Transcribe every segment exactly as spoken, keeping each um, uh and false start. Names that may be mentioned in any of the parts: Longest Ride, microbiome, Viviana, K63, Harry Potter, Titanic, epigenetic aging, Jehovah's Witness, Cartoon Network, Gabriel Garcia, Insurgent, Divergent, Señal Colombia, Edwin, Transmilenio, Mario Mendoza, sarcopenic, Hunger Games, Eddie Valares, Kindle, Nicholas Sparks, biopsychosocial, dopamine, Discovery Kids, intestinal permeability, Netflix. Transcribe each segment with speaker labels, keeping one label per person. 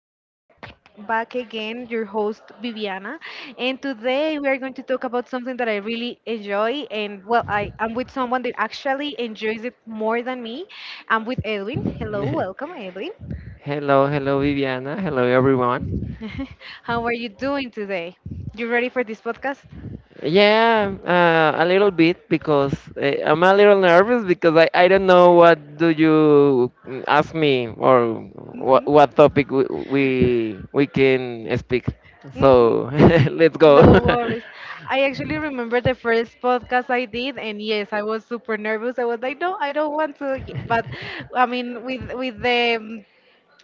Speaker 1: I'm here back again, your host Viviana, and today we are going to talk about something that I really enjoy. And well, I am with someone that actually enjoys it more than me. I'm with Edwin. Hello, welcome, Edwin.
Speaker 2: Hello, hello, Viviana. Hello, everyone.
Speaker 1: How are you doing today? You ready for this podcast?
Speaker 2: Yeah, uh, a little bit because uh, I'm a little nervous because I, I don't know what do you mm, ask me or what
Speaker 1: Hmm.
Speaker 2: what topic we we, we can speak.
Speaker 1: Hmm.
Speaker 2: So let's go.
Speaker 1: No worries. I actually remember the first podcast I did, and yes, I was super nervous. I was like, no, I don't want to. y- But I mean, with with the um,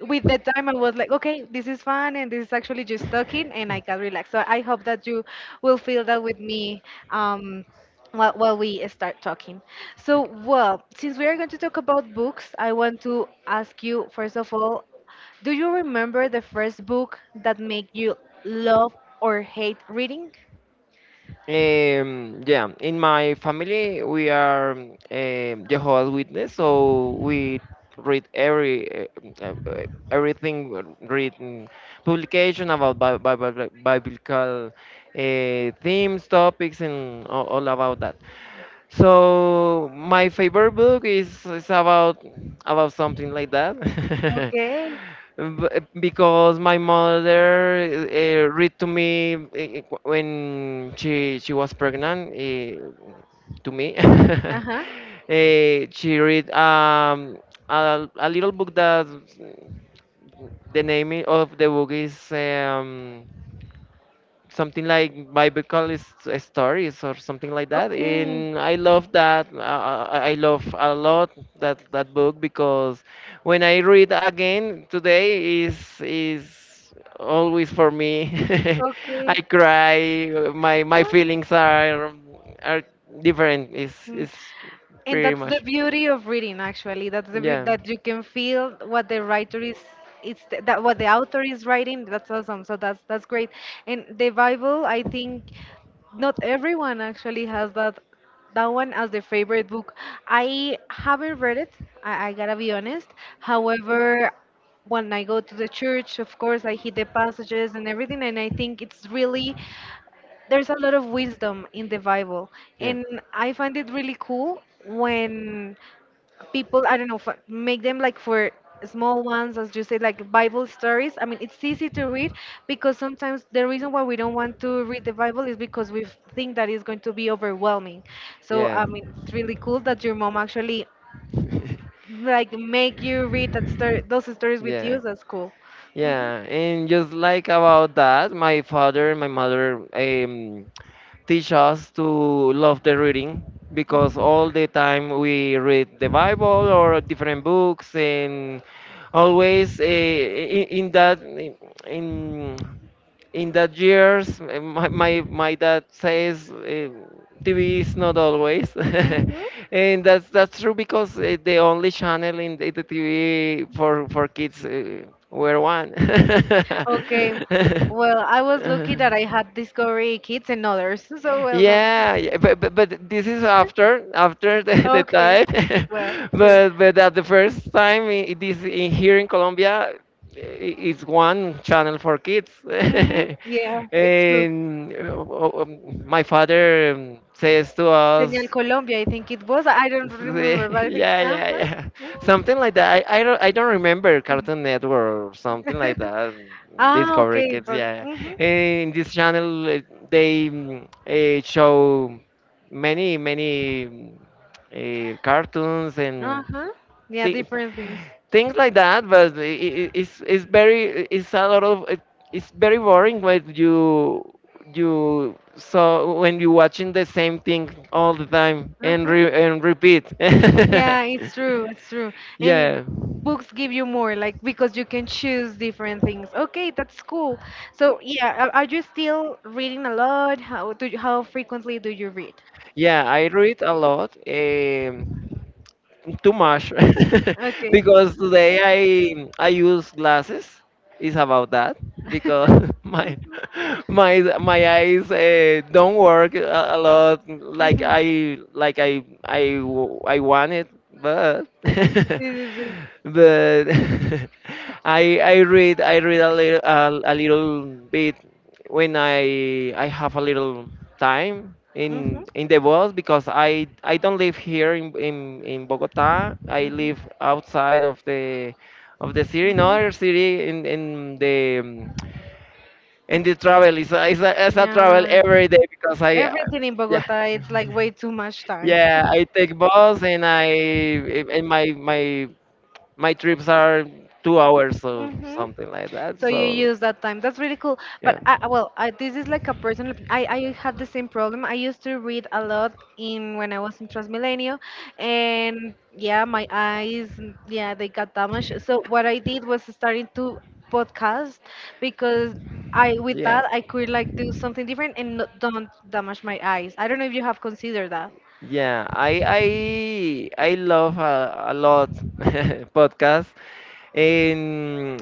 Speaker 1: with the time I was like, okay, this is fun and this is actually just talking and I can relax. So I hope that you will feel that with me um, while, while we start talking. So, well, since we are going to talk about books, I want to ask you, first of all, do you remember the first book that made you love or hate reading?
Speaker 2: Um, yeah, in my family we are um, um, Jehovah's Witness, so we read every uh, uh, uh, everything written publication about Bi- Bi- Bi- biblical uh, themes, topics, and all, all about that. So my favorite book is, is about about something like that.
Speaker 1: Okay.
Speaker 2: B- because my mother uh, read to me eh, when she she was pregnant eh, to me.
Speaker 1: Uh huh.
Speaker 2: Eh, she read um, a, a little book that the name i- of the book is um, something like biblical s- stories or something like that,
Speaker 1: Okay,
Speaker 2: and I love that uh, I I love a lot that that book because when I read again today is is always for me. I
Speaker 1: okay.
Speaker 2: cry. My my
Speaker 1: Good.
Speaker 2: feelings are are different. Is
Speaker 1: Mm.
Speaker 2: is
Speaker 1: And
Speaker 2: Pretty
Speaker 1: that's the
Speaker 2: much,
Speaker 1: beauty of reading, actually. That's the beauty
Speaker 2: yeah,
Speaker 1: that you can feel what the writer is, it's th- that what the author is writing. That's awesome. So that's that's great. And the Bible, I think, not everyone actually has that that one as their favorite book. I haven't read it. I, I gotta be honest. However, when I go to the church, of course, I hit the passages and everything, and I think it's really there's a lot of wisdom in the Bible,
Speaker 2: yeah,
Speaker 1: and I find it really cool when people I don't know fi- make them like for small ones, as you say, like Bible stories. I mean, it's easy to read because sometimes the reason why we don't want to read the Bible is because we think that it's going to be overwhelming. So
Speaker 2: yeah,
Speaker 1: I mean, it's really cool that your mom actually like make you read that story, those stories with
Speaker 2: yeah.
Speaker 1: you. That's cool. Mhm.
Speaker 2: Yeah, and just like about that, my father and my mother um, teach us to love the reading because all the time we read the Bible or different books, and always uh, in, in that in in that years, eh, my my, my dad says, uh, T V is not always.
Speaker 1: Mhm.
Speaker 2: And that's that's true because uh, the only channel in the, the T V for for kids uh, were one.
Speaker 1: Okay. Well, I was lucky that I had Discovery Kids and others. So, well, no, no.
Speaker 2: Yeah, yeah, but, but but this is after after the, the
Speaker 1: Okay.
Speaker 2: time.
Speaker 1: Well, true.
Speaker 2: but but at the first time I it is in, here in Colombia, i- it's one channel for kids.
Speaker 1: Mm-hmm. Yeah, it's true.
Speaker 2: And uh, um, my father um, says to
Speaker 1: Señal
Speaker 2: us.
Speaker 1: Colombia, I think it was. I don't
Speaker 2: See,
Speaker 1: remember, but I think.
Speaker 2: yeah,
Speaker 1: Uh
Speaker 2: yeah, yeah.
Speaker 1: huh.
Speaker 2: Something like that. I, I don't I don't remember
Speaker 1: Mhm.
Speaker 2: Cartoon Network or something like that.
Speaker 1: Ah,
Speaker 2: Discovery
Speaker 1: okay.
Speaker 2: Kids,
Speaker 1: But,
Speaker 2: yeah.
Speaker 1: mhm.
Speaker 2: In this channel, uh, they mm, uh, show many many mm, uh, cartoons
Speaker 1: Uh
Speaker 2: and
Speaker 1: huh. Yeah,
Speaker 2: thi
Speaker 1: different things.
Speaker 2: things like that, but i i- it's it's very it's a lot of it- it's very boring when you you so when you watching the same thing all the time
Speaker 1: Uh
Speaker 2: and
Speaker 1: huh.
Speaker 2: re, and repeat.
Speaker 1: Yeah, it's true, it's true. And
Speaker 2: Yeah,
Speaker 1: books give you more, like because you can choose different things. Okay, that's cool. So yeah, are are you still reading a lot? How do you, how frequently do you read?
Speaker 2: yeah, I read a lot. Um too much.
Speaker 1: Okay.
Speaker 2: Because today I I use glasses. It's about that because my my my eyes uh, don't work a, a lot like I like I I w- I want it, but
Speaker 1: Sí, sí, sí.
Speaker 2: but I I read I read a little a, a little bit when I I have a little time in
Speaker 1: Mhm.
Speaker 2: in the bus because I I don't live here in in, in Bogota. I
Speaker 1: Mhm.
Speaker 2: live outside of the of the city, in another city in in the um, in the travel. It's a, it's a, it's a travel
Speaker 1: Yeah.
Speaker 2: every day because I uh,
Speaker 1: Everything in
Speaker 2: yeah
Speaker 1: Bogota, it's like way too much time.
Speaker 2: yeah I take bus. And I and my my my trips are two hours or
Speaker 1: Hmm.
Speaker 2: something like that.
Speaker 1: So you
Speaker 2: So
Speaker 1: use that time. That's really cool. But
Speaker 2: yeah
Speaker 1: I, I- well, I, this is like a personal. opin- I I had the same problem. I used to read a lot in when I was in Transmilenio, and yeah, my eyes, mm, yeah, they got damaged. So what I did was starting to podcast because I with
Speaker 2: yeah
Speaker 1: that I could like do something different and not, don't damage my eyes. I don't know if you have considered that.
Speaker 2: yeah I I I love a, a lot podcast, en,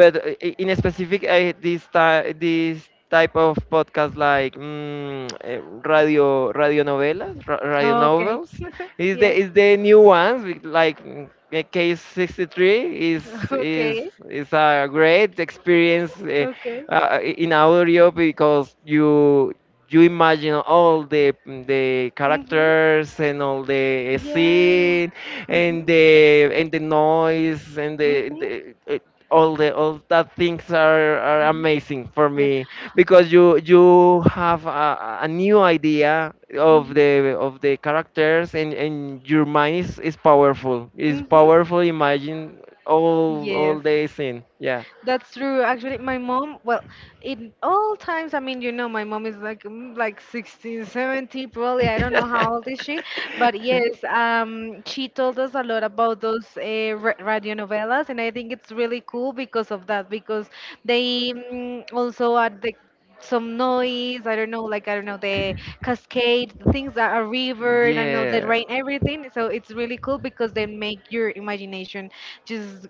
Speaker 2: but uh, i- in specific I, this ty- this type of podcast, like mm, eh, radio radio novelas, ra- radio
Speaker 1: One. Okay.
Speaker 2: novels is the is the new ones with, like, mm, eh, K sixty-three is
Speaker 1: Yes. Okay.
Speaker 2: is
Speaker 1: It's
Speaker 2: is a great experience, uh,
Speaker 1: real things.
Speaker 2: uh, i- in audio, because you you imagine all the the
Speaker 1: Mhm.
Speaker 2: characters and all the
Speaker 1: Yes.
Speaker 2: scene and
Speaker 1: Mhm.
Speaker 2: the and the noise and the,
Speaker 1: Mhm.
Speaker 2: the, eh, all the all that things are, are
Speaker 1: Mhm.
Speaker 2: amazing for
Speaker 1: Yeah.
Speaker 2: me because you you have a, a a new idea of
Speaker 1: Mhm.
Speaker 2: the of the characters, and and your mind is, is powerful,
Speaker 1: The.
Speaker 2: is
Speaker 1: Mhm.
Speaker 2: powerful imagine all all
Speaker 1: Yes.
Speaker 2: the scene, yeah.
Speaker 1: That's true. Actually, my mom, well, in all times, I mean, you know, my mom is like mm, like sixteen, seventeen, probably. I don't know how old is she, but yes, um, she told us a lot about those uh, ra radionovelas, and I think it's really cool because of that, because they mm, also add the some noise, I don't know, like, I don't know, the cascade, the things that are river, and I know the rain, everything. So it's really cool because they make your imagination just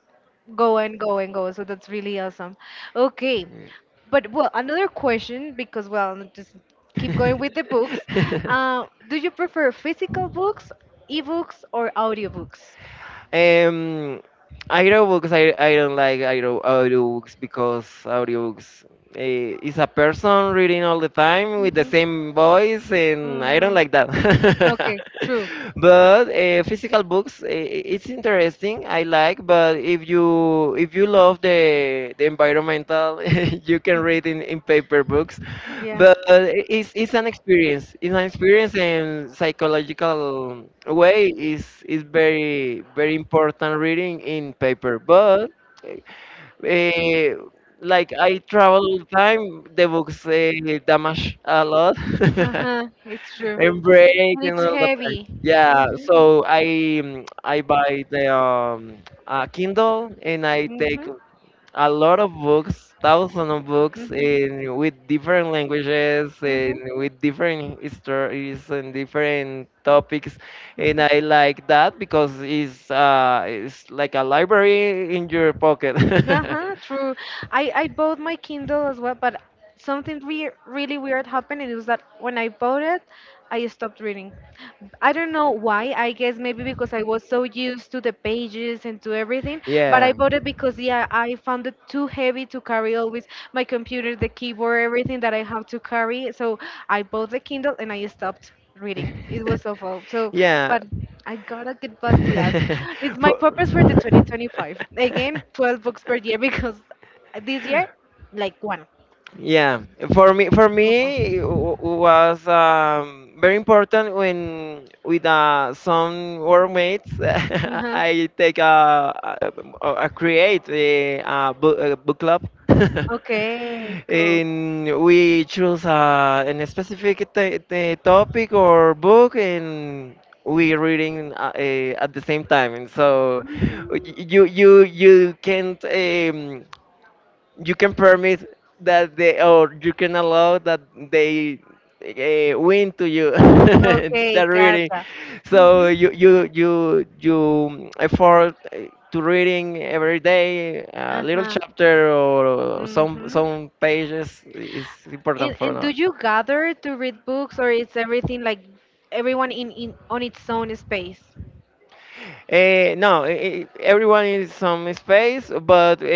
Speaker 1: go and go and go. So that's really awesome. Okay. But well, another question because well, n- just keep going with the books.
Speaker 2: Yeah.
Speaker 1: Uh, do you prefer physical books, ebooks, or audiobooks?
Speaker 2: Um, Audiobooks, I, I don't like audio, audiobooks because audiobooks, eh, is a person reading all the time with the
Speaker 1: Mhm.
Speaker 2: same voice, and I don't
Speaker 1: Mhm.
Speaker 2: like that.
Speaker 1: Okay, true.
Speaker 2: But uh, physical books, eh, it's interesting. I like, but if you if you love the the environmental, you can read in, in paper books,
Speaker 1: Yeah.
Speaker 2: but i- it's it's an experience. It's an experience, and psychological way is is very very important reading in paper. But uh, like I travel all the time, the books uh, damage a lot
Speaker 1: Uh-huh, it's true.
Speaker 2: and break
Speaker 1: And
Speaker 2: and
Speaker 1: it's
Speaker 2: all the time.
Speaker 1: heavy.
Speaker 2: Yeah, so I mm, I buy the um, uh, Kindle, and I
Speaker 1: Mm-hmm.
Speaker 2: take
Speaker 1: Mm-hmm.
Speaker 2: a lot of books, thousands of books in with different languages, and
Speaker 1: Mm-hmm.
Speaker 2: with different stories and different topics, and
Speaker 1: Mm-hmm.
Speaker 2: I like that because it's uh it's like a library in your pocket.
Speaker 1: Uh-huh, true. I I bought my Kindle as well, but something weird, really weird happened. It was that when I bought it, I stopped reading. I don't know why. I guess maybe because I was so used to the pages and to everything, but I
Speaker 2: Yeah,
Speaker 1: bought it because yeah, I found it too heavy to carry always my computer, the keyboard, everything that I have to carry. So I bought the Kindle and I stopped reading. It was awful. So,
Speaker 2: yeah.
Speaker 1: but I gotta get back to that. It's my purpose for the
Speaker 2: For-
Speaker 1: twenty twenty-five. Again, twelve books per year because this year, like one.
Speaker 2: Yeah, for me, for
Speaker 1: Awful.
Speaker 2: me it w- was um, very important when with uh, some workmates,
Speaker 1: Uh-huh.
Speaker 2: I take a, a, a create a, a book, a book club.
Speaker 1: Okay, cool.
Speaker 2: And we choose uh, an specific t- t- topic or book, and we reading uh, eh, at the same time, and so y- you you you can't. Um, you can permit that they, or you can allow that they uh, win to you
Speaker 1: Okay,
Speaker 2: that reading.
Speaker 1: gotcha.
Speaker 2: So
Speaker 1: Mm-hmm.
Speaker 2: you you you you effort eh, to reading every day a little
Speaker 1: Uh-huh.
Speaker 2: chapter or some
Speaker 1: Mm-hmm.
Speaker 2: some pages is
Speaker 1: And
Speaker 2: important for
Speaker 1: and do
Speaker 2: now.
Speaker 1: you gather to read books, or is everything like everyone in, in on its own space?
Speaker 2: Uh, no, i i- everyone is some space, but uh,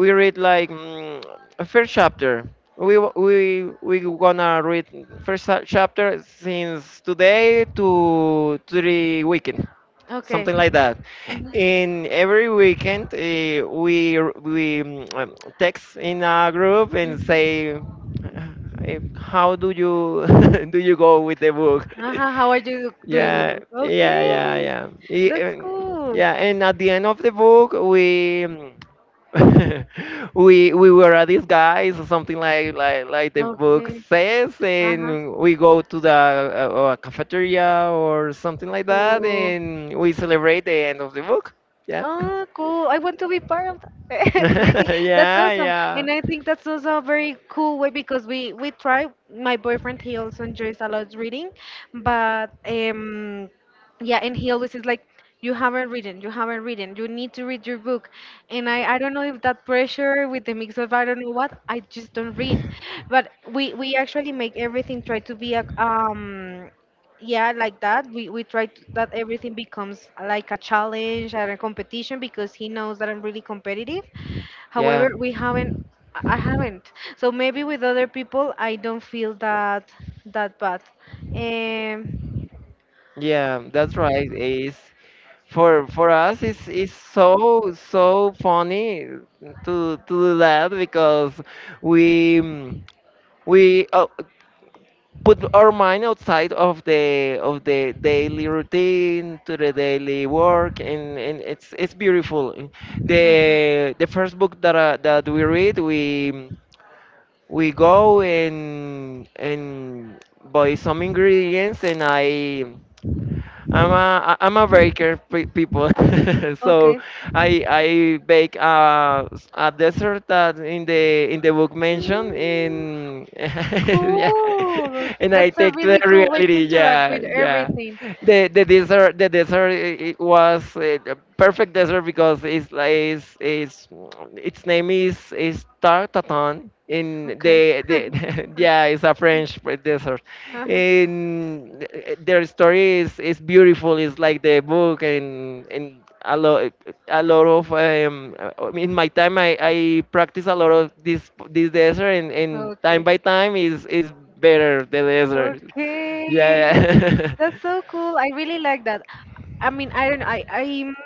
Speaker 2: we read like, mm, a first chapter. We w- we we gonna read first cha- chapter since today to to the weekend,
Speaker 1: Okay.
Speaker 2: something like that.
Speaker 1: Mhm.
Speaker 2: In every weekend, uh, we r- we mm, um, text in a group and
Speaker 1: Mhm.
Speaker 2: say, uh, how do you do you go with the book?
Speaker 1: Uh huh. How are you doing with
Speaker 2: Yeah,
Speaker 1: the.
Speaker 2: yeah, yeah,
Speaker 1: Okay,
Speaker 2: yeah. I-
Speaker 1: that's
Speaker 2: and-
Speaker 1: cool.
Speaker 2: Yeah, and at the end of the book, we mm, we we were a disguise or something like like like the book
Speaker 1: Okay.
Speaker 2: says,
Speaker 1: Uh huh.
Speaker 2: and we go to the uh, uh, cafeteria or something like that,
Speaker 1: Cool.
Speaker 2: and we celebrate the end of the book. Yeah.
Speaker 1: Oh, cool. I want to be part of that. Really, that's
Speaker 2: Yeah,
Speaker 1: awesome.
Speaker 2: yeah,
Speaker 1: And I think that's also a very cool way because we we try. My boyfriend, he also enjoys a lot reading. But um, yeah, and he always is like, you haven't written, you haven't written, you need to read your book. And I, I don't know if that pressure with the mix of I don't know what, I just don't read. But we, we actually make everything try to be a, um, yeah, like that. We, we try to, that everything becomes like a challenge and a competition because he knows that I'm really competitive.
Speaker 2: yeah,
Speaker 1: However, we haven't I haven't. So maybe with other people I don't feel that that bad. Um
Speaker 2: yeah. That's right. Is for for us it's it's so so funny to to do that because we mm, we uh, put our mind outside of the of the daily routine to the daily work, and, and it's it's beautiful. the the first book that uh, that we read, we mm, we go and and buy some ingredients. And I I'm a I- I'm a baker pe- people. So
Speaker 1: Okay.
Speaker 2: I I bake uh, s- a dessert that in the in the book mentioned
Speaker 1: Mm,
Speaker 2: in. Yeah,
Speaker 1: cool.
Speaker 2: and I
Speaker 1: That's a
Speaker 2: take to
Speaker 1: really
Speaker 2: the
Speaker 1: cool way to
Speaker 2: reality.
Speaker 1: interact
Speaker 2: Yeah,
Speaker 1: with
Speaker 2: yeah.
Speaker 1: everything.
Speaker 2: The the dessert the dessert i- i- was uh, a perfect dessert because it's like it's, it's its name is is tartatin in
Speaker 1: Okay.
Speaker 2: the, the yeah it's a French fr- dessert.
Speaker 1: Uh-huh.
Speaker 2: And uh, their story is is beautiful. It's like the book, and and a lot a lot of um uh, in my time I I practice a lot of this this dessert, and and time
Speaker 1: Okay.
Speaker 2: by time is is better the dessert, yeah.
Speaker 1: Okay.
Speaker 2: Yeah.
Speaker 1: That's so cool. I really like that. I mean, I don't. I I'm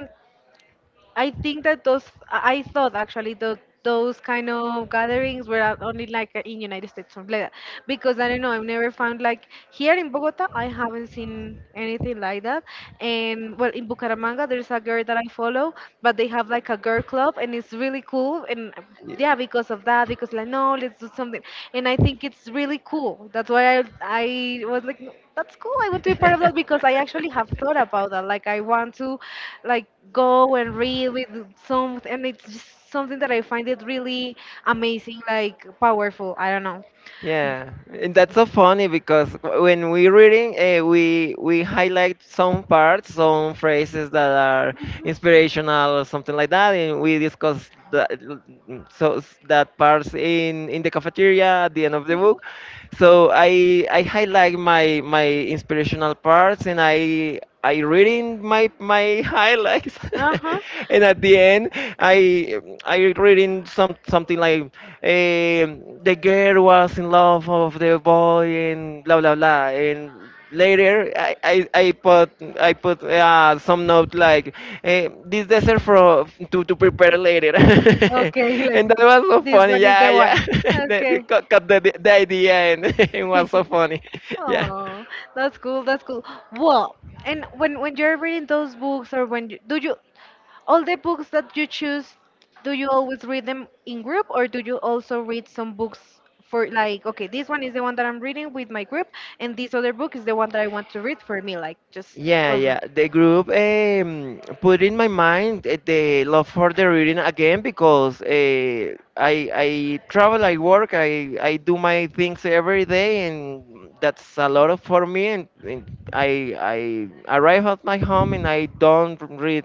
Speaker 1: I think that those I I thought actually tho- those kind of gatherings were at- only like in United States, something like that, because I don't know, I've never found, like, here in Bogota I haven't seen anything like that, and well, in Bucaramanga there's a girl that I follow, but they have like a girl club and it's really cool, and yeah, because of that, because like, no, let's do something. And I think it's really cool, that's why i i was like, "No, that's cool, I want to be part of that," because I actually have thought about that, like, I want to, like, go and read with some, and it's just something that I find it really amazing, like, powerful, I don't know.
Speaker 2: Yeah, and that's so funny because when we're reading, uh, we we highlight some parts, some phrases that are
Speaker 1: Mhm.
Speaker 2: inspirational or something like that, and we discuss that so s- that parts in in the cafeteria at the end of the
Speaker 1: Mhm.
Speaker 2: book. So I I highlight my my inspirational parts, and I I reading my my highlights,
Speaker 1: Uh huh.
Speaker 2: and at the end, I I reading some something like um the girl was in love of the boy and blah blah blah. And later, I I, I put I put uh, some note like, eh, this dessert for to to prepare later.
Speaker 1: Okay, like
Speaker 2: And that was so
Speaker 1: this
Speaker 2: funny.
Speaker 1: one is
Speaker 2: Yeah,
Speaker 1: the
Speaker 2: yeah.
Speaker 1: one.
Speaker 2: They they
Speaker 1: Okay.
Speaker 2: cut, cut the the idea. And It was so funny. Yeah.
Speaker 1: Oh, that's cool. That's cool. Well, and when when you're reading those books, or when you, do you all the books that you choose, do you always read them in group, or do you also read some books for, like, okay, this one is the one that I'm reading with my group and this other book is the one that I want to read for me, like, just
Speaker 2: Yeah,
Speaker 1: for her?
Speaker 2: yeah. The group um, put in my mind uh, the love for the reading again because uh, I I travel, I work, I I do my things every day, and that's a lot of for me. And, and I I arrive at my home, and I don't read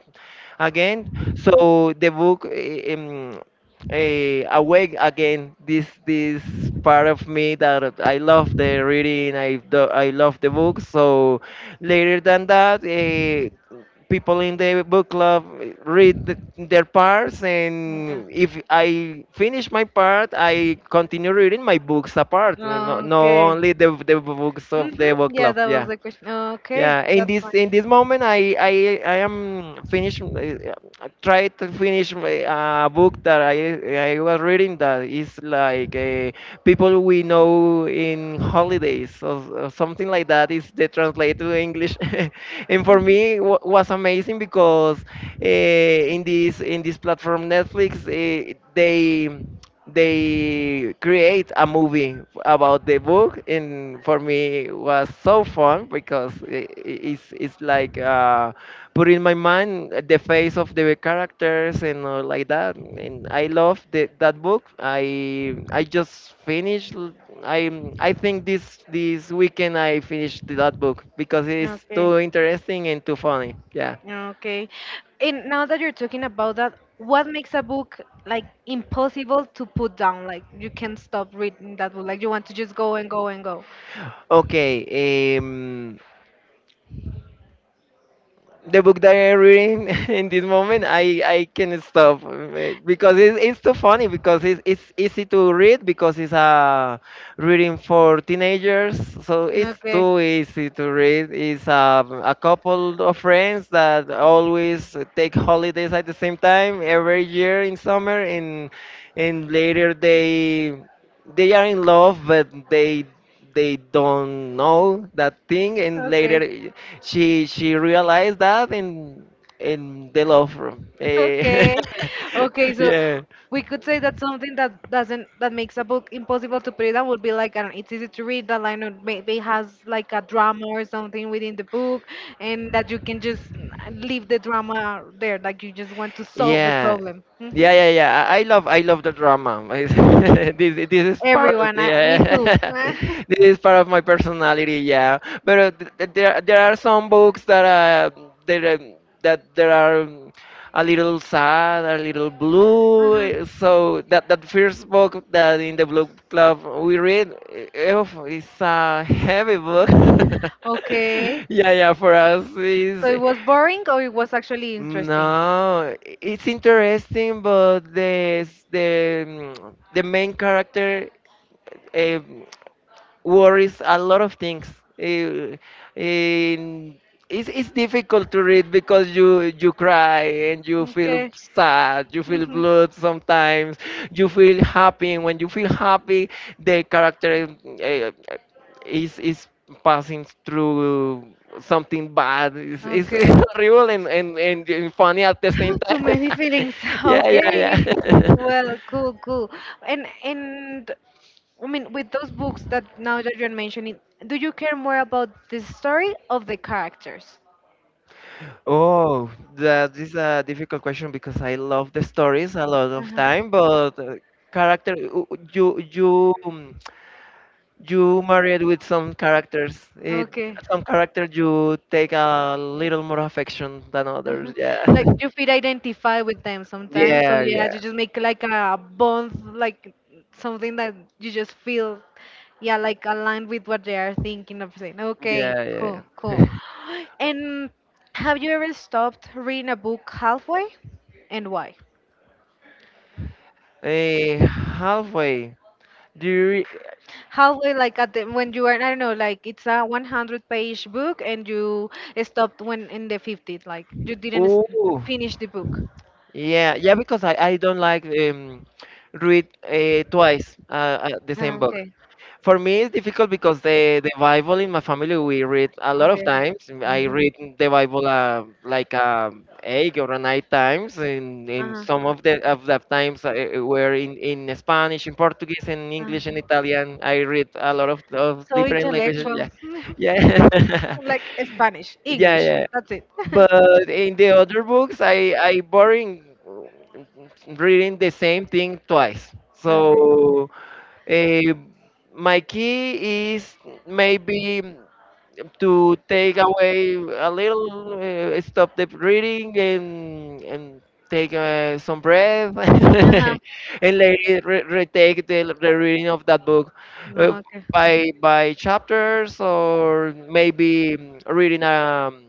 Speaker 2: again. So the book uh, um, uh, awake again this this part of me that I love the reading. I do, I love the books. So later than that, uh, people in the book club read th- their parts, and
Speaker 1: Okay.
Speaker 2: if I finish my part, I continue reading my books apart. No, no no
Speaker 1: Okay.
Speaker 2: only the the books of the
Speaker 1: Mm-hmm.
Speaker 2: book
Speaker 1: Yeah,
Speaker 2: club,
Speaker 1: that was
Speaker 2: yeah.
Speaker 1: the question. Okay,
Speaker 2: Yeah, in
Speaker 1: that's
Speaker 2: this in
Speaker 1: fine.
Speaker 2: this moment, I I I am finished. uh, I tried to finish my, uh, book that I I was reading that is like, uh, people we know in holidays or, or something like that, is they translate to English. And for me it wa- was amazing because uh, in this in this platform Netflix, uh, they they create a movie about the book, and for me it was so
Speaker 1: Mhm.
Speaker 2: fun because i- i- it's it's
Speaker 1: It's like
Speaker 2: like
Speaker 1: uh,
Speaker 2: uh, put in my mind the
Speaker 1: the face
Speaker 2: face
Speaker 1: of
Speaker 2: of the
Speaker 1: the.
Speaker 2: characters and all like that. And I
Speaker 1: I know.
Speaker 2: love the, that book. I
Speaker 1: I
Speaker 2: I
Speaker 1: just
Speaker 2: just finished.
Speaker 1: finished.
Speaker 2: l- I
Speaker 1: I I
Speaker 2: I think
Speaker 1: think this
Speaker 2: this
Speaker 1: this
Speaker 2: this
Speaker 1: weekend
Speaker 2: weekend I
Speaker 1: I finished
Speaker 2: finished
Speaker 1: that
Speaker 2: that
Speaker 1: book.
Speaker 2: book because
Speaker 1: It's.
Speaker 2: it's
Speaker 1: Okay.
Speaker 2: too
Speaker 1: So
Speaker 2: interesting and too funny.
Speaker 1: fun.
Speaker 2: Yeah.
Speaker 1: Yeah. Okay. And now that you're talking about that, what makes a book like impossible to put down? Like, you can't stop reading that book. Like, you want to just go and go and go.
Speaker 2: Okay. Um, the book that I'm reading in this moment, I I can stop uh, because it's, it's too funny because it's it's easy to read because it's a reading for teenagers, so it's
Speaker 1: Okay.
Speaker 2: too easy to read. It's um, a couple of friends that always take holidays at the same time every year in summer, and and later they they are in love, but they they don't know that thing, and
Speaker 1: Okay.
Speaker 2: later she she realized that in in the love room. Eh,
Speaker 1: Okay. Okay, so
Speaker 2: yeah.
Speaker 1: we could say that something that doesn't that makes a book impossible to put it down would be, like, I don't know, it's easy to read that line, or maybe has like a drama or something within the book, and that you can just leave the drama there, like, you just want to solve the
Speaker 2: Yeah.
Speaker 1: problem. Hmm.
Speaker 2: Yeah, yeah, yeah. I I love, I love the drama. this, this is part of,
Speaker 1: Everyone, I, me
Speaker 2: yeah,
Speaker 1: too.
Speaker 2: this is part of my personality. Yeah, but uh, th- th- there, there are some books that uh, that um, that there are um, a little sad, a little blue.
Speaker 1: Uh-huh.
Speaker 2: eh, So that that first book that in the blue club we read, eh, oof, it's a heavy book.
Speaker 1: Okay.
Speaker 2: yeah, yeah. For us,
Speaker 1: So
Speaker 2: is.
Speaker 1: it was boring, or it was actually interesting?
Speaker 2: No, i- it's interesting, but the s- the mm, the main character um, worries a lot of things. Eh, and it's, it's difficult to read because you you cry and you feel
Speaker 1: Okay.
Speaker 2: sad, you feel
Speaker 1: Mhm.
Speaker 2: blood sometimes, you feel happy, and when you feel happy, the character uh, is is passing through something bad. It's, it's
Speaker 1: Okay.
Speaker 2: horrible and, and, and, and funny at the same
Speaker 1: Too
Speaker 2: time.
Speaker 1: many feelings.
Speaker 2: yeah, yeah,
Speaker 1: Okay.
Speaker 2: yeah.
Speaker 1: Well, cool, cool. And and I mean, with those books that now that you're mentioning, do you care more about the story of the characters?
Speaker 2: Oh, that is a difficult question because I love the stories a lot of
Speaker 1: Uh-huh.
Speaker 2: time, but uh, character, u- u- you you um, you married with some characters. It,
Speaker 1: Okay.
Speaker 2: some characters you take a little more affection than
Speaker 1: Uh-huh.
Speaker 2: others. Yeah,
Speaker 1: Like, you feel identified with them sometimes. So
Speaker 2: yeah,
Speaker 1: yeah,
Speaker 2: yeah,
Speaker 1: you just make like a bond, like something that you just feel, yeah, like aligned with what they are thinking of saying. Okay,
Speaker 2: yeah, yeah.
Speaker 1: cool, cool.
Speaker 2: yeah.
Speaker 1: And have you ever stopped reading a book halfway, and why?
Speaker 2: Eh, halfway. Do you? Re-
Speaker 1: Halfway, like, at the when you are, I don't know, like, it's a one hundred page book and you stopped when in the fifties, like, you didn't s-
Speaker 2: Ooh.
Speaker 1: finish the book.
Speaker 2: Yeah, yeah, because I, I don't like um, read uh, twice uh, uh, the same
Speaker 1: Ah,
Speaker 2: book.
Speaker 1: okay,
Speaker 2: For me, it's difficult because the the Bible in my family we read a lot of
Speaker 1: okay.
Speaker 2: times. Mm, I
Speaker 1: Uh-huh.
Speaker 2: read the Bible uh, like um, eight or nine times, and, and
Speaker 1: Uh-huh.
Speaker 2: some of the of the times uh, uh, were in, in Spanish, in Portuguese, in
Speaker 1: uh
Speaker 2: English, and Italian. I read a lot of, of
Speaker 1: So
Speaker 2: different languages.
Speaker 1: intellectual.
Speaker 2: Yeah, yeah,
Speaker 1: Like, Spanish,
Speaker 2: yeah,
Speaker 1: English.
Speaker 2: yeah.
Speaker 1: That's it.
Speaker 2: But in the other books, I I boring mm, reading the same thing twice.
Speaker 1: Okay.
Speaker 2: So Eh, my key is maybe to take away a little, uh, stop the breathing and and take uh, some breath
Speaker 1: Uh-huh.
Speaker 2: and later re- retake the, the reading of that book uh,
Speaker 1: Okay.
Speaker 2: by by chapters, or maybe mm, reading um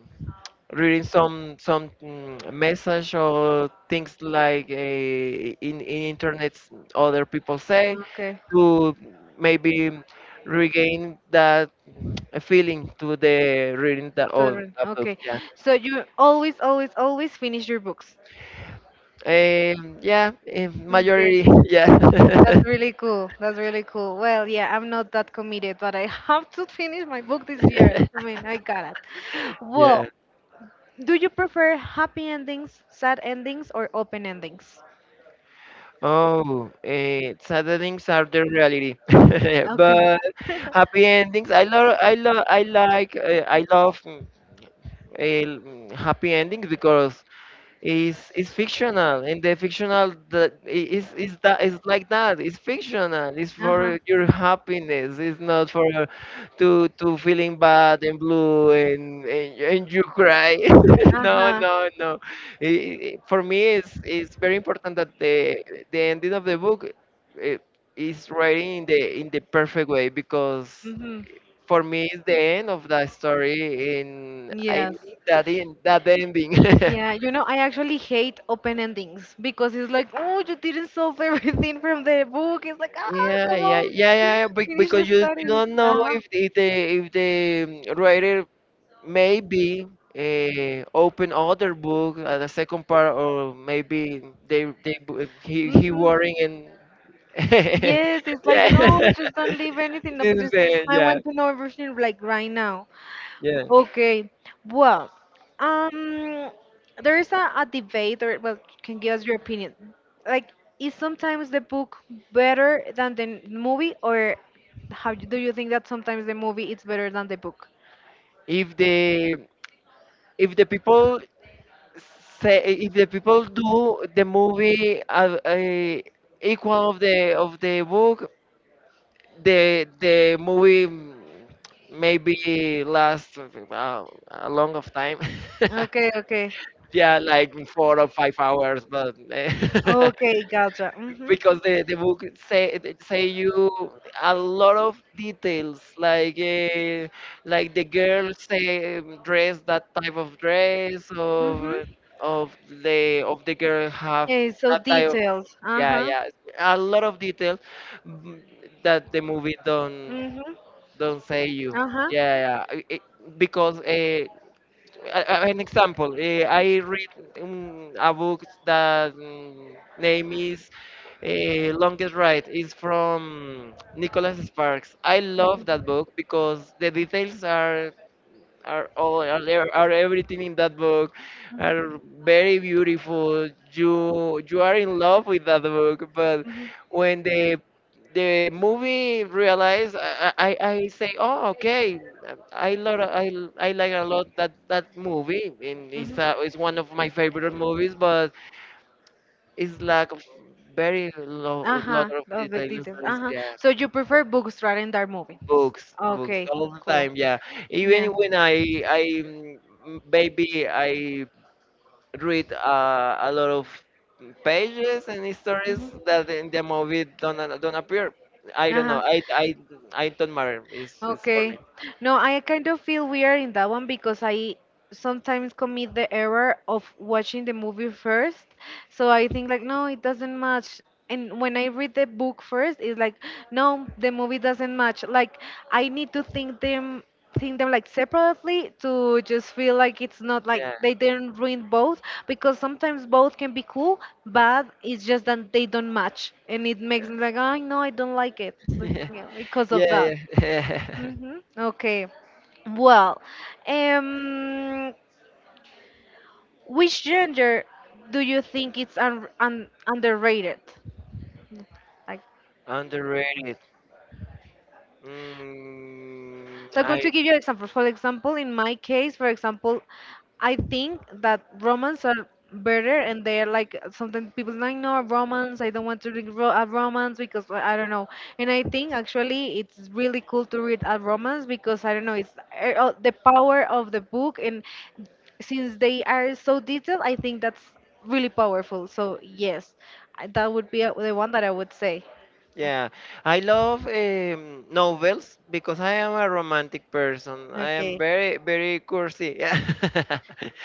Speaker 2: reading some some mm, message or things like uh, in, in internet other people say
Speaker 1: Okay.
Speaker 2: to maybe regain that feeling to the reading the, of
Speaker 1: Totally.
Speaker 2: a book.
Speaker 1: Okay.
Speaker 2: Yeah.
Speaker 1: So you always, always, always finish your books.
Speaker 2: Um, yeah. In
Speaker 1: Okay.
Speaker 2: majority. Yeah.
Speaker 1: That's really cool. That's really cool. Well, yeah, I'm not that committed, but I have to finish my book this year. I mean, I got it.
Speaker 2: yeah.
Speaker 1: Well, do you prefer happy endings, sad endings, or open endings?
Speaker 2: Oh, eh, sad endings are the reality,
Speaker 1: Okay.
Speaker 2: but happy endings. I love. I love. I like. Uh, I love. mm, eh, mm, happy endings because It's it's fictional, and the fictional that i- is is that is like that. It's fictional. It's for
Speaker 1: Uh-huh.
Speaker 2: your happiness. It's not for your- to to feeling bad and blue and and, and you cry. No,
Speaker 1: Uh-huh.
Speaker 2: no, no. I i- for me, it's it's very important that the the ending of the book eh, is writing in the in the perfect way because
Speaker 1: Mm-hmm.
Speaker 2: for me it's the end of that story, and I
Speaker 1: Yes.
Speaker 2: need that in that ending.
Speaker 1: Yeah, you know, I actually hate open endings because it's like, oh, you didn't solve everything from the book. It's like, ah,
Speaker 2: Yeah,
Speaker 1: come
Speaker 2: yeah,
Speaker 1: on,
Speaker 2: yeah, yeah. bec-
Speaker 1: finish the
Speaker 2: Because you you
Speaker 1: story.
Speaker 2: don't know
Speaker 1: Uh-huh.
Speaker 2: if if the if the um, writer maybe uh, open other book at the second part, or maybe they they bu- he he
Speaker 1: Hmm.
Speaker 2: worrying and
Speaker 1: Yes, it's like,
Speaker 2: yeah.
Speaker 1: no, just don't leave anything up.
Speaker 2: This is
Speaker 1: Just,
Speaker 2: the
Speaker 1: I
Speaker 2: yeah
Speaker 1: want to know everything like right now.
Speaker 2: yeah.
Speaker 1: Okay. Well, um, there is a, a debate, or well, can give us your opinion. Like, is sometimes the book better than the movie, or how do you think that sometimes the movie is better than the book?
Speaker 2: If the if the people say, if the people do the movie uh, uh, equal of the of the book, the the movie mm, maybe last uh, a long of time.
Speaker 1: Okay, okay.
Speaker 2: Yeah, like four or five hours, but eh,
Speaker 1: Okay, gotcha.
Speaker 2: because the, the book say say you a lot of details like uh, like the girl
Speaker 1: Hmm.
Speaker 2: say um, dress that type of dress
Speaker 1: Mm-hmm.
Speaker 2: of of the of the girl have
Speaker 1: Yeah, so
Speaker 2: that type of,
Speaker 1: detailed.
Speaker 2: yeah,
Speaker 1: Uh-huh.
Speaker 2: yeah, a lot of details, mm, that the movie don't
Speaker 1: Mm-hmm.
Speaker 2: don't say you.
Speaker 1: Uh-huh.
Speaker 2: Yeah, yeah. I- I- because uh, an example, uh, I read um, a book that mm, name is uh, Longest Ride. It's from Nicholas Sparks. I love that book because the details are are all are, there- are everything in that book, are very beautiful. you you are in love with that book, but when the the movie realized, i i, I I say, oh, okay, i love I, I like a lot that that movie, and it's a, it's one of my favorite movies, but it's lack of very lo- lot
Speaker 1: Ajá,
Speaker 2: of
Speaker 1: of the
Speaker 2: details,
Speaker 1: details. Ajá.
Speaker 2: yeah.
Speaker 1: So you prefer books rather than dark movie?
Speaker 2: Books, books
Speaker 1: Okay,
Speaker 2: all the
Speaker 1: cool.
Speaker 2: time. Yeah, even
Speaker 1: Yeah.
Speaker 2: when I I mm, maybe I read uh, a lot of pages and stories
Speaker 1: Mhm.
Speaker 2: that in the movie don't a- don't appear. I don't know.
Speaker 1: Uh-huh.
Speaker 2: I I I don't matter. It's it's for me.
Speaker 1: Okay. No, I kind of feel weird in that one because I sometimes commit the error of watching the movie first. So I think like no, it doesn't match. And when I read the book first, it's like no, the movie doesn't match. Like I need to think them think them like separately to just feel like it's not like
Speaker 2: Yeah,
Speaker 1: they didn't ruin both because sometimes both can be cool but it's just that they don't match and it makes me like oh no, I don't like it, it's like, yeah, because of
Speaker 2: yeah,
Speaker 1: that.
Speaker 2: yeah.
Speaker 1: Hmm. Okay. Well, um, which gender do you think it's un- un- underrated, like.
Speaker 2: Underrated. Mm,
Speaker 1: So I'm going to
Speaker 2: I.
Speaker 1: give you examples. For example, in my case, for example, I think that romance are better, and they're like sometimes people like no romance. I don't want to read ro- a romance because well, I don't know. And I think actually it's really cool to read a romance because I don't know. It's uh, uh, the power of the book, and since they are so detailed, I think that's really powerful. So yes, I- that would be uh, the one that I would say.
Speaker 2: Yeah, I love um, novels because I am a romantic person. I am
Speaker 1: Okay.
Speaker 2: very, very cursi. Yeah.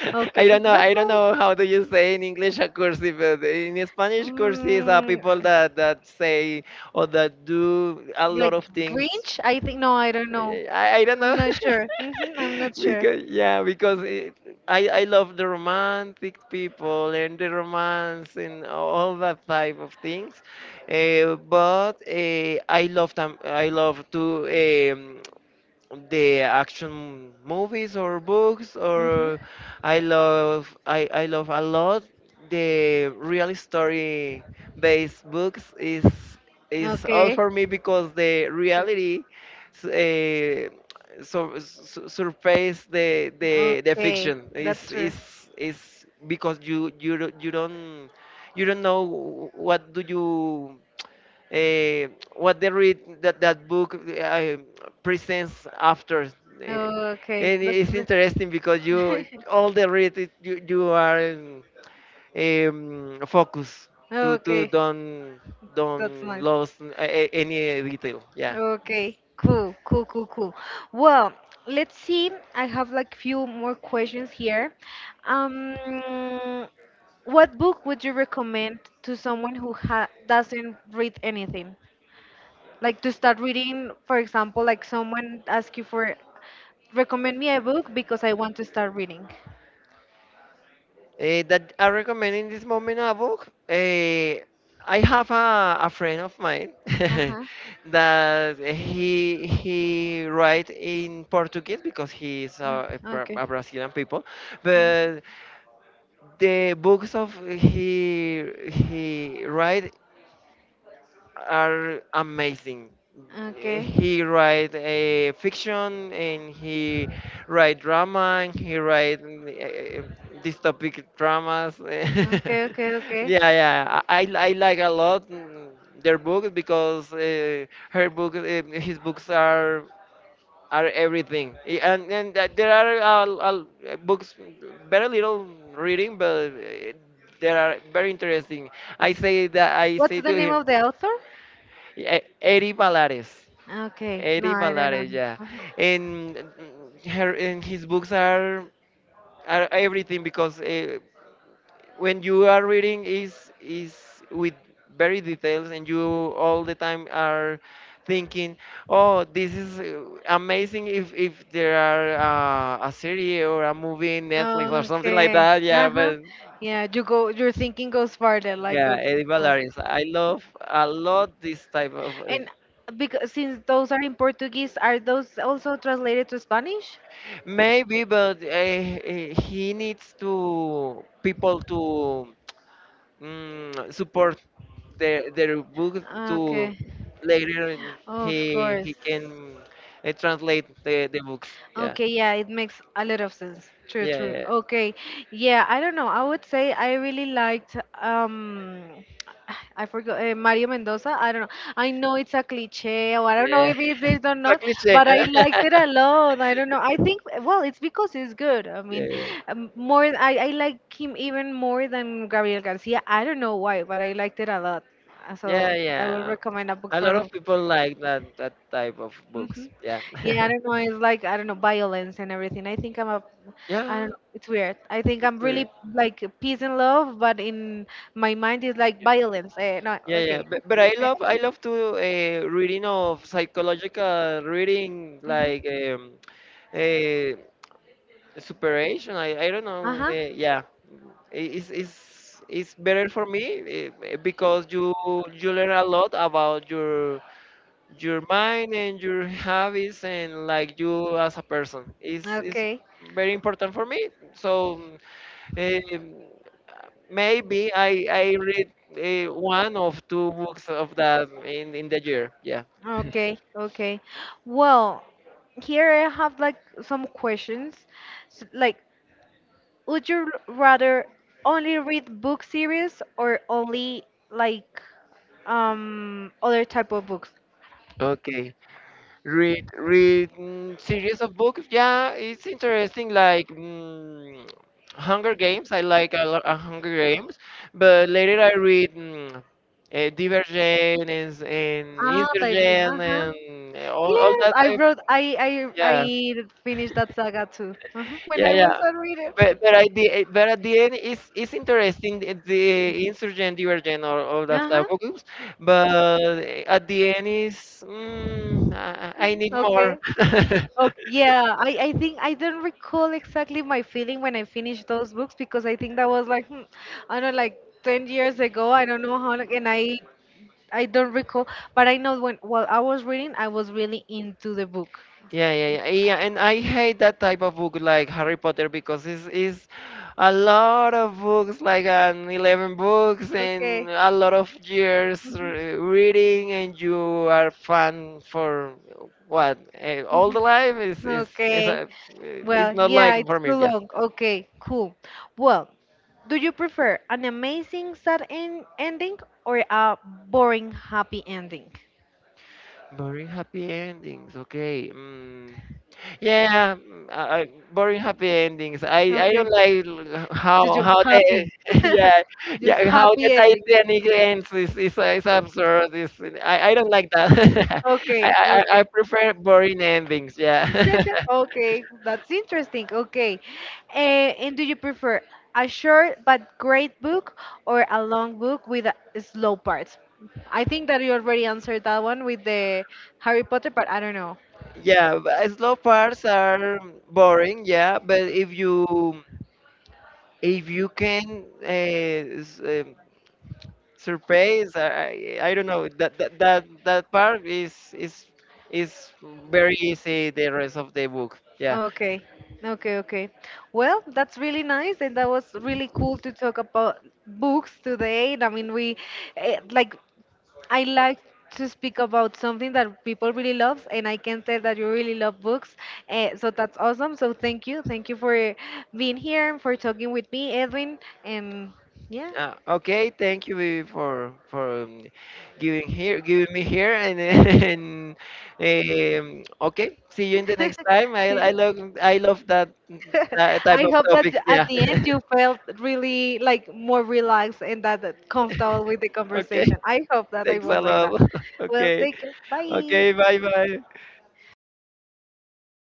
Speaker 2: I
Speaker 1: Okay.
Speaker 2: don't know.
Speaker 1: That's
Speaker 2: I don't
Speaker 1: nice.
Speaker 2: know how do you say in English a cursi, but in Spanish, cursis are
Speaker 1: Mm,
Speaker 2: people that that say or that do a
Speaker 1: like
Speaker 2: lot of things.
Speaker 1: Grinch? I think no, I don't know.
Speaker 2: I, I don't
Speaker 1: I'm
Speaker 2: know.
Speaker 1: not sure. Hmm. I'm not sure.
Speaker 2: because yeah because it, i i love the romantic people and the romance and all that type of things. Uh, but uh, I love them, I love to um, the action movies or books
Speaker 1: Hmm,
Speaker 2: or I love I, I love a lot the real story based books is is all for me because the reality uh, so, so surpass the, the the fiction is is is because you
Speaker 1: do.
Speaker 2: you don't- you don't you don't know what do you uh, what they read that that book uh, presents after. eh,
Speaker 1: Okay.
Speaker 2: and it's interesting because you all the read it, you, you are um, um, focused to to
Speaker 1: Okay,
Speaker 2: don't
Speaker 1: that's
Speaker 2: don't
Speaker 1: nice.
Speaker 2: lose a- a- any detail, yeah.
Speaker 1: Okay, cool, cool, cool, cool. Well, let's see. I have like few more questions here. Um, what book would you recommend to someone who ha doesn't read anything? Like to start reading, for example, like someone ask you for recommend me a book because I want to start reading.
Speaker 2: Eh, that I recommend in this moment a book. Eh, I have a, a friend of mine
Speaker 1: Uh huh.
Speaker 2: that he he write in Portuguese because he is a, Bra-
Speaker 1: Okay.
Speaker 2: a Brazilian people,
Speaker 1: Mm.
Speaker 2: but the books of he he write are amazing.
Speaker 1: Okay.
Speaker 2: He write uh, fiction, and he write drama, and he write uh, dystopic dramas.
Speaker 1: Okay, okay, okay.
Speaker 2: Yeah, yeah, I, I I like a lot mm, their books because uh, her book, uh, his books are are everything. Eh, And and that there are uh, uh, books very little reading, but uh, they are very interesting. I say that I
Speaker 1: What's
Speaker 2: say
Speaker 1: the
Speaker 2: to
Speaker 1: name
Speaker 2: him.
Speaker 1: of the author?
Speaker 2: E- Eddie Valares.
Speaker 1: Okay, no,
Speaker 2: Eddie
Speaker 1: I don't know
Speaker 2: Valares, yeah.
Speaker 1: him.
Speaker 2: And mm, her and his books are are everything because uh, when you are reading is is with very details, and you all the time are thinking, oh, this is uh, amazing if if there are uh, a series or a movie in Netflix or
Speaker 1: Mhm.
Speaker 2: something like
Speaker 1: Okay.
Speaker 2: that. Yeah,
Speaker 1: Uh-huh.
Speaker 2: but
Speaker 1: Yeah, you go. Your thinking goes farther. Like
Speaker 2: yeah, Eddie
Speaker 1: okay, okay.
Speaker 2: Valares. I love a lot this type of. uh,
Speaker 1: And because since those are in Portuguese, are those also translated to Spanish?
Speaker 2: Maybe, but uh, he needs to people to mm, support their their book to
Speaker 1: Okay.
Speaker 2: later, and
Speaker 1: Of
Speaker 2: he he
Speaker 1: course.
Speaker 2: can uh, translate the, the books. Yeah,
Speaker 1: Okay, yeah, it makes a lot of sense. True, true.
Speaker 2: yeah,
Speaker 1: Okay, yeah, I don't know. I would say I really liked um, I forgot uh, Mario Mendoza. I don't know. I know it's a cliche, or I don't know
Speaker 2: yeah.
Speaker 1: if it is or not,
Speaker 2: It's a cliche.
Speaker 1: but I liked it a lot. I don't know. I think well, it's because it's good. I mean,
Speaker 2: yeah,
Speaker 1: um, more I I like him even more than Gabriel Garcia. I don't know why, but I liked it a lot. Uh, So
Speaker 2: yeah,
Speaker 1: I would
Speaker 2: yeah.
Speaker 1: recommend a book
Speaker 2: A
Speaker 1: for
Speaker 2: lot
Speaker 1: him.
Speaker 2: of people like that that type of
Speaker 1: Hmm.
Speaker 2: books. Yeah,
Speaker 1: Yeah, I don't know. It's like I don't know, violence and everything. I think I'm a, I
Speaker 2: yeah.
Speaker 1: don't know. It's weird. I think
Speaker 2: It's
Speaker 1: I'm
Speaker 2: pretty.
Speaker 1: really like peace and love, but in my mind is like violence. Eh, no,
Speaker 2: Yeah,
Speaker 1: okay.
Speaker 2: yeah, but, but I love I love to uh, reading of psychological reading
Speaker 1: Mm-hmm.
Speaker 2: like um, uh, superation. I, I don't
Speaker 1: Uh
Speaker 2: know.
Speaker 1: huh.
Speaker 2: Uh, yeah, I- it's, it's it's better for me uh, because you you learn a lot about your your mind and your habits and like you as a person. It's it's
Speaker 1: Okay,
Speaker 2: very important for me. So um, maybe I I read uh, one of two books of that in in the year. Yeah.
Speaker 1: okay, okay. Well, here I have like some questions. S like, would you r- rather only read book series or only like um other type of books?
Speaker 2: Okay, read read, Mm, series of books. Yeah, it's interesting. Like mm, Hunger Games. I like a lot of Hunger Games, but later I read. Mm, uh, Divergent and, and
Speaker 1: Ah, type.
Speaker 2: Insurgent
Speaker 1: Uh-huh.
Speaker 2: and uh, all, all
Speaker 1: Yes,
Speaker 2: that
Speaker 1: I
Speaker 2: type.
Speaker 1: wrote. I I I
Speaker 2: Yeah,
Speaker 1: finished that saga too. Uh-huh, when
Speaker 2: yeah,
Speaker 1: I was
Speaker 2: yeah.
Speaker 1: a reader.
Speaker 2: But but at the but at the end, it's it's interesting the the insurgent, divergent, or all that type
Speaker 1: Uh-huh.
Speaker 2: of groups. But at the end, is mm, I, I need
Speaker 1: Okay.
Speaker 2: more.
Speaker 1: Okay. Yeah, I, I think I don't recall exactly my feeling when I finished those books because I think that was like, hmm, I don't know, like ten years ago. I don't know how, like, and I I don't recall, but I know when while I was reading, I was really into the book.
Speaker 2: Yeah, yeah, yeah, yeah. And I hate that type of book like Harry Potter because it's, it's a lot of books, like an eleven books
Speaker 1: Okay.
Speaker 2: and a lot of years
Speaker 1: Mhm.
Speaker 2: re- reading, and you are fan for what? eh, All
Speaker 1: Mhm.
Speaker 2: the life is is is
Speaker 1: Okay.
Speaker 2: a, it's
Speaker 1: Well,
Speaker 2: not like
Speaker 1: yeah,
Speaker 2: for
Speaker 1: it's
Speaker 2: me.
Speaker 1: too
Speaker 2: Yeah.
Speaker 1: long. Okay, cool. Well, do you prefer an amazing sad en- ending or a boring happy ending?
Speaker 2: Boring happy endings. Okay. Mm. Yeah, mm, uh, uh, boring happy endings. I I
Speaker 1: Okay.
Speaker 2: don't like l-
Speaker 1: Just
Speaker 2: how
Speaker 1: you
Speaker 2: how
Speaker 1: happy.
Speaker 2: the yeah,
Speaker 1: Just
Speaker 2: yeah, how the
Speaker 1: happy ending.
Speaker 2: Titanic ends is is, uh, is absurd. Is I I don't like that. I,
Speaker 1: Okay,
Speaker 2: I I I
Speaker 1: okay.
Speaker 2: prefer boring endings. Yeah.
Speaker 1: Okay, that's interesting. Okay. Uh, and do you prefer a short but great book or a long book with a slow parts? I think that you already answered that one with the Harry Potter, but I don't know.
Speaker 2: Yeah, but, uh, slow parts are boring, yeah, but if you if you can uh, s- uh, surprise, i i don't know that that that, that part is is is very easy the rest of the book, yeah.
Speaker 1: Okay, okay, okay. Well, that's really nice, and that was really cool to talk about books today. And I mean, we eh, like I like to speak about something that people really love, and I can tell that you really love books. Eh, so that's awesome. So thank you, thank you for being here and for talking with me, Edwin. And yeah.
Speaker 2: Uh, okay, thank you, Vivi, for for um, giving here, giving me here, and and um, okay, see you in the next time. i
Speaker 1: Sí.
Speaker 2: i love, I love that, that type
Speaker 1: I
Speaker 2: of
Speaker 1: hope that
Speaker 2: topics,
Speaker 1: at
Speaker 2: yeah.
Speaker 1: the end you felt really like more relaxed and that that comfortable with the
Speaker 2: Okay,
Speaker 1: conversation. I hope that I
Speaker 2: thanks a
Speaker 1: was like that.
Speaker 2: lot.
Speaker 1: Well,
Speaker 2: Okay.
Speaker 1: take care.
Speaker 2: Okay,
Speaker 1: Bye.
Speaker 2: bye bye.